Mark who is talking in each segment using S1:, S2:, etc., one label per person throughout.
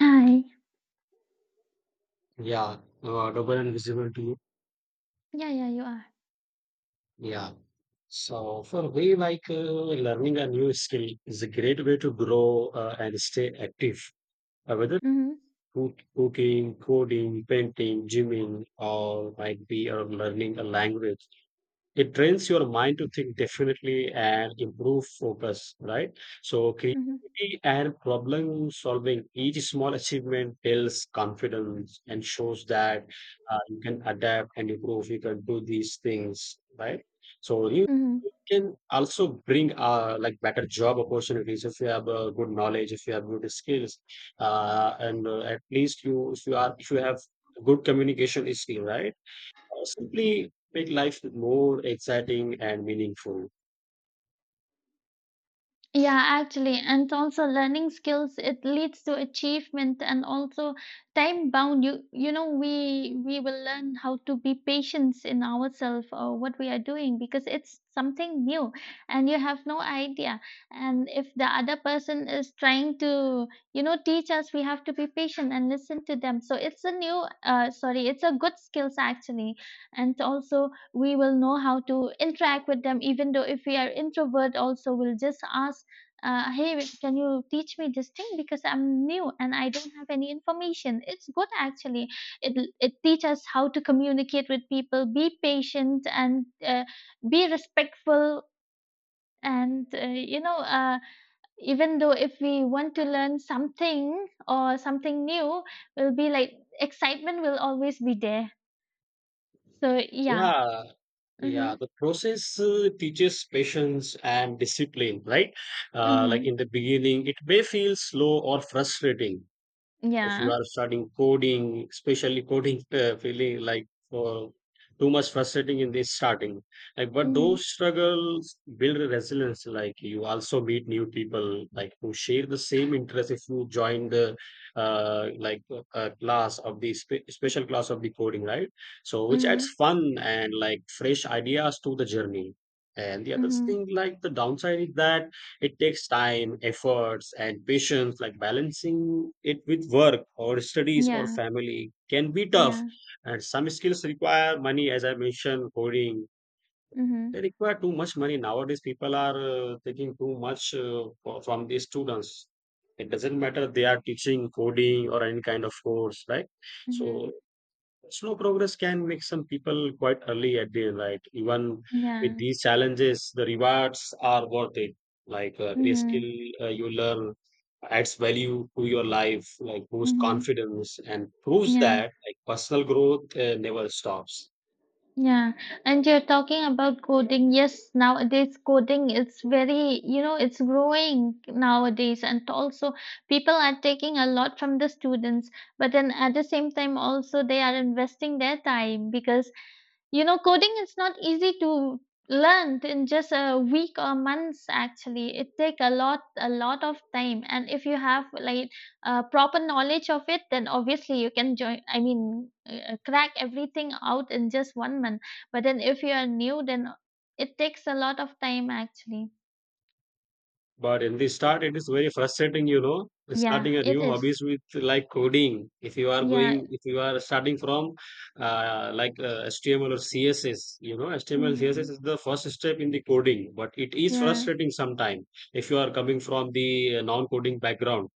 S1: Hi.
S2: Yeah, audible and visible to you.
S1: Yeah, yeah, you are.
S2: Yeah. So for me, like learning a new skill is a great way to grow and stay active. Uh, whether
S1: Mhm.
S2: cook, cooking, coding, painting, gymming, or might be or learning a language. It trains your mind to think definitely and improve focus, right? So
S1: Mhm.
S2: creativity and problem solving, each small achievement builds confidence and shows that you can adapt and improve, you can do these things, right? So you
S1: Mhm.
S2: can also bring like better job opportunities if you have good knowledge, if you have good skills, and at least you if you are if you have good communication skill, right? Or simply make life more exciting and meaningful.
S1: Yeah, actually, and also learning skills, it leads to achievement and also time bound. You know, we will learn how to be patient in ourselves or what we are doing because it's something new and you have no idea. And if the other person is trying to, teach us, we have to be patient and listen to them. So it's a it's a good skills actually. And also we will know how to interact with them, even though if we are introvert also, we'll just ask, hey, can you teach me this thing because I'm new and I don't have any information? It's good actually. It it teaches us how to communicate with people, be patient and be respectful, and even though if we want to learn something or something new, will be like excitement will always be there. So yeah.
S2: Yeah,
S1: Mhm.
S2: yeah. The process teaches patience and discipline, right? Like in
S1: Mhm.
S2: the beginning, it may feel slow or frustrating. So, if you
S1: Yeah.
S2: are studying coding, especially coding, feeling like uh, too much frustrating in this starting. Like, but
S1: Mhm.
S2: those struggles build resilience. Like, you also meet new people, like who share the same interest. If you join the class of the special class of the coding, right? So, which adds
S1: Mhm.
S2: fun and like fresh ideas to the journey. And the other
S1: Mhm.
S2: thing, like the downside is that it takes time, efforts, and patience, like balancing it with work or studies or
S1: Yeah,
S2: family can be tough.
S1: yeah.
S2: And some skills require money, as I mentioned, coding. They
S1: Mhm.
S2: require too much money. Nowadays, people are taking too much from the students. It doesn't matter they are teaching coding or any kind of course, right? So
S1: Mhm.
S2: slow progress can make some people quite early at the, like, even
S1: Yeah.
S2: with these challenges, the rewards are worth it. Like a
S1: Mhm,
S2: skill you learn adds value to your life, like boosts
S1: mhm.
S2: confidence and proves
S1: Yeah,
S2: that, like, personal growth never stops.
S1: yeah. And you're talking about coding. Yes, nowadays coding is very, it's growing nowadays, and also people are taking a lot from the students. But then at the same time, also they are investing their time because you know, coding is not easy to learn in just a week or months actually. It take a lot of time, and if you have like proper knowledge of it, then obviously you can join, crack everything out in just 1 month. But then if you are new, then it takes a lot of time actually.
S2: But in the start, it is very frustrating, you know,
S1: Yeah,
S2: starting a
S1: it
S2: new
S1: is.
S2: hobbies with like coding. If you are
S1: Yeah.
S2: going, if you are starting from HTML or CSS, you know, HTML, CSS
S1: Hmm.
S2: is the first step in the coding, but it is
S1: Yeah.
S2: frustrating sometimes if you are coming from the non-coding background,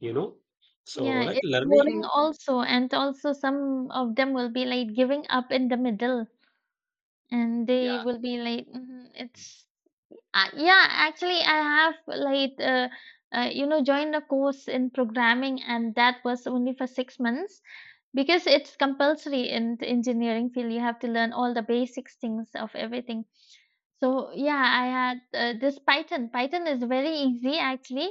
S2: you know. So
S1: Yeah,
S2: like
S1: it's boring
S2: learning,
S1: also, and also some of them will be like giving up in the middle. And they
S2: yeah,
S1: will be like, mhm, it's yeah. Actually, I have like you know, joined a course in programming, and that was only for 6 months because it's compulsory in the engineering field. You have to learn all the basics things of everything. So yeah, I had this Python. Python is very easy actually,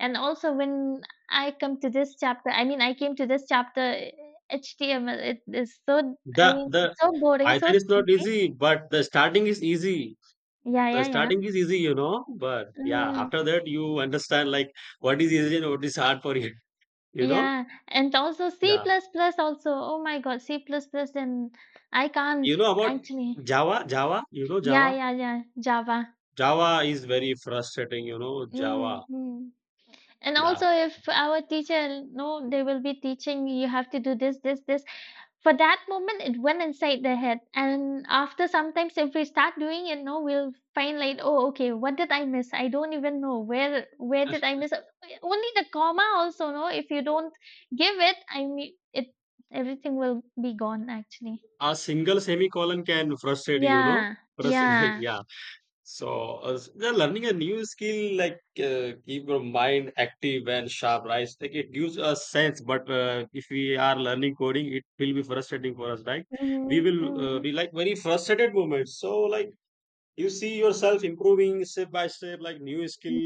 S1: and also when I come to this chapter, I mean, I came to this chapter. HTML, it is so, I
S2: the
S1: mean,
S2: the
S1: so boring, so
S2: Python is not
S1: sleepy.
S2: easy, but the starting is easy.
S1: Yeah,
S2: The
S1: yeah, yeah.
S2: starting is easy, you know, but yeah,
S1: Mm,
S2: after that you understand like what is easy and what is hard for you, you know?
S1: yeah, and also C++
S2: Yeah.
S1: plus plus also. Oh my God, C++ plus plus, and I
S2: You
S1: can't
S2: know about
S1: actually.
S2: Java, Java, you know
S1: Yeah,
S2: Java?
S1: yeah, yeah, Java.
S2: Java is very frustrating, you know, Java.
S1: Mm-hmm. And
S2: Yeah.
S1: also if our teacher, no, they will be teaching you have to do this, this, this. For that moment it went inside the head, and after sometimes if we start doing it, no, we'll find like, oh okay, what did I miss? I don't even know where did I miss it?" Only the comma also, no, if you don't give it, everything will be gone actually.
S2: A single semicolon can frustrate you, you know?
S1: Yeah.
S2: Frustrate,
S1: Yeah.
S2: yeah. So, yeah, learning a new skill like keep your mind active and sharp, right? Like it gives us sense, but if we are learning coding, it will be frustrating for us, right? We
S1: Hmm.
S2: will
S1: Hmm.
S2: be like very frustrated moments. So, like you see yourself improving step by step, like new skill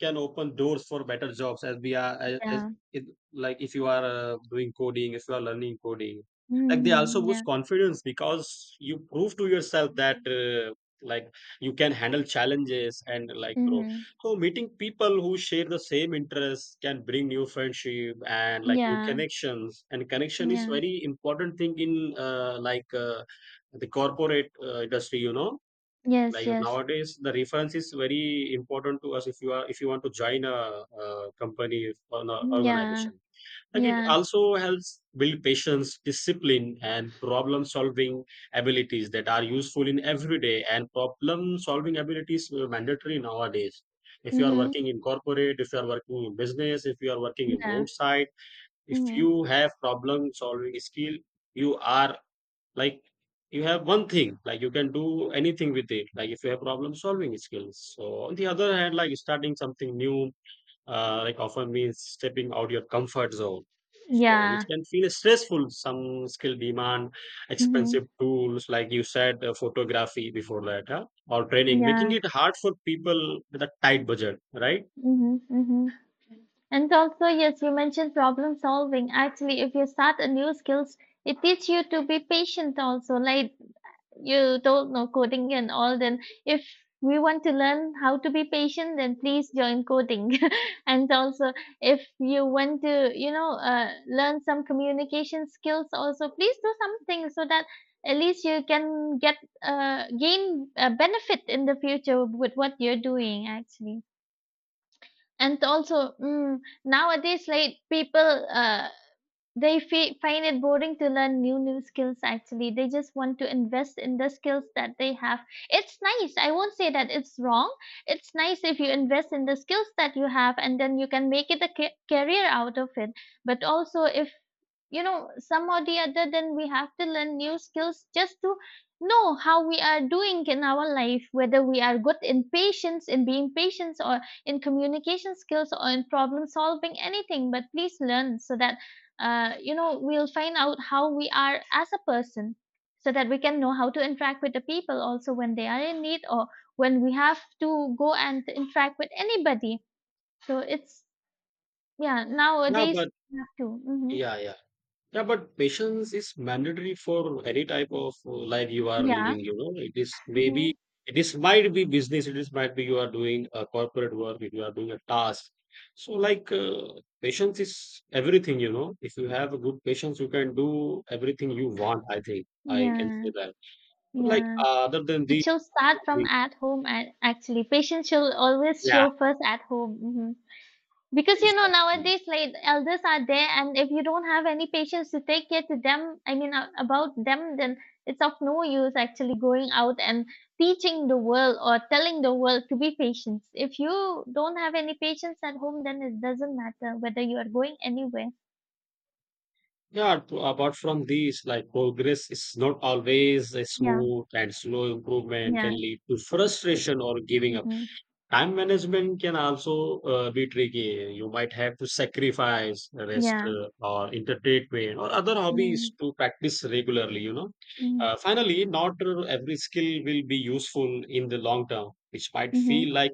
S2: can open doors for better jobs as we are as
S1: Yeah.
S2: it, like if you are doing coding, if you are learning coding, like they also
S1: Hmm.
S2: boost
S1: Yeah.
S2: confidence because you prove to yourself that like you can handle challenges and like grow.
S1: Hmm.
S2: So meeting people who share the same interests can bring new friendship and like new
S1: Yeah.
S2: connections, and connection is
S1: Yeah.
S2: very important thing in the corporate industry, you know,
S1: Yes,
S2: like
S1: yes.
S2: nowadays the reference is very important to us if you are if you want to join a, company or an
S1: Mm, yeah.
S2: organization, like it
S1: Yeah.
S2: also helps build patience, discipline, and problem solving abilities that are useful in everyday, and problem solving abilities are mandatory nowadays. If you are
S1: Hmm.
S2: working in corporate, if you are working in business, if you are working in
S1: Yeah.
S2: roadside, if
S1: Hmm.
S2: you have problem solving skill, you are, like, you have one thing, like you can do anything with it, like if you have problem solving skills. So on the other hand, like starting something new like often means stepping out your comfort zone, so which
S1: Yeah.
S2: can feel stressful. Some skill demand
S1: Hmm.
S2: expensive tools, like you said, photography, before that, huh? Or training, making
S1: Yeah.
S2: it hard for people with a tight budget, right?
S1: Hmm. Hmm. And also, yes, you mentioned problem solving. Actually, if you start a new skills, it teaches you to be patient also. Like, you don't know coding and all, then if we want to learn how to be patient, then please join coding. And also, if you want to, learn some communication skills also, please do something so that at least you can get gain a benefit in the future with what you're doing actually. And also, mm, nowadays like people uh, they find it boring to learn new skills actually. They just want to invest in the skills that they have. It's nice, I won't say that it's wrong. It's nice if you invest in the skills that you have, and then you can make it a career out of it. But also if you know some or the other, then we have to learn new skills just to know how we are doing in our life, whether we are good in patience, in being patient, or in communication skills, or in problem solving, anything, but please learn so that we'll find out how we are as a person, so that we can know how to interact with the people also when they are in need, or when we have to go and interact with anybody. So it's, yeah,
S2: Yeah,
S1: nowadays
S2: but
S1: we have to. Hmm.
S2: yeah, yeah. Yeah, but patience is mandatory for any type of life you are
S1: Yeah.
S2: living. You know, it is maybe
S1: Hmm.
S2: it is might be business. It is might be you are doing a corporate work. If you are doing a task, so like patience is everything. You know, if you have a good patience, you can do everything you want. I think I can
S1: Yeah,
S2: say that. Like
S1: yeah.
S2: other than the,
S1: It should start from at home, actually. Patients should always
S2: yeah,
S1: show first at home. Hmm. Because,
S2: exactly.
S1: nowadays, like, elders are there, and if you don't have any patients to take care to them, about them, then it's of no use actually going out and teaching the world or telling the world to be patient. If you don't have any patients at home, then it doesn't matter whether you are going anywhere.
S2: Yeah, apart from these, like progress is not always a
S1: Yeah,
S2: smooth, and slow improvement
S1: yeah,
S2: can lead to frustration or giving up.
S1: mm-hmm.
S2: Time management can also be tricky. You might have to sacrifice rest
S1: Yeah,
S2: or entertainment or other
S1: mm-hmm.
S2: hobbies to practice regularly, you know.
S1: Mm-hmm.
S2: Finally, not every skill will be useful in the long term, which might
S1: Mm-hmm.
S2: feel like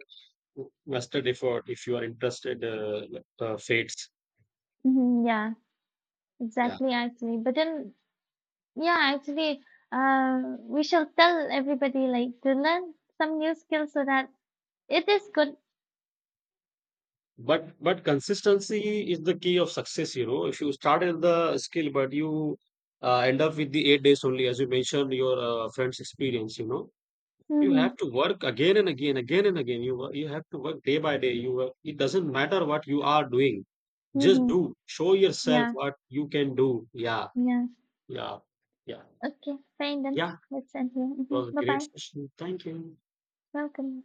S2: wasted effort if you are interested fates.
S1: Mm-hmm. Yeah. Exactly, actually. But then, yeah, actually, we shall tell everybody like to learn some new skills so that it is good.
S2: But consistency is the key of success, you know. If you start at the skill, but you end up with the 8 days only, as you mentioned, your friend's experience, you know, you
S1: Mm-hmm.
S2: have to work again and again, again and again. You have to work day by day. You work. It doesn't matter what you are doing. Just
S1: Mm-hmm.
S2: do. Show yourself
S1: Yeah,
S2: what you can do. Yeah,
S1: yeah.
S2: yeah, yeah,
S1: Okay, fine then.
S2: yeah.
S1: Let's end here.
S2: It
S1: Mm-hmm.
S2: was a great
S1: Bye-bye.
S2: session. Thank you.
S1: Welcome.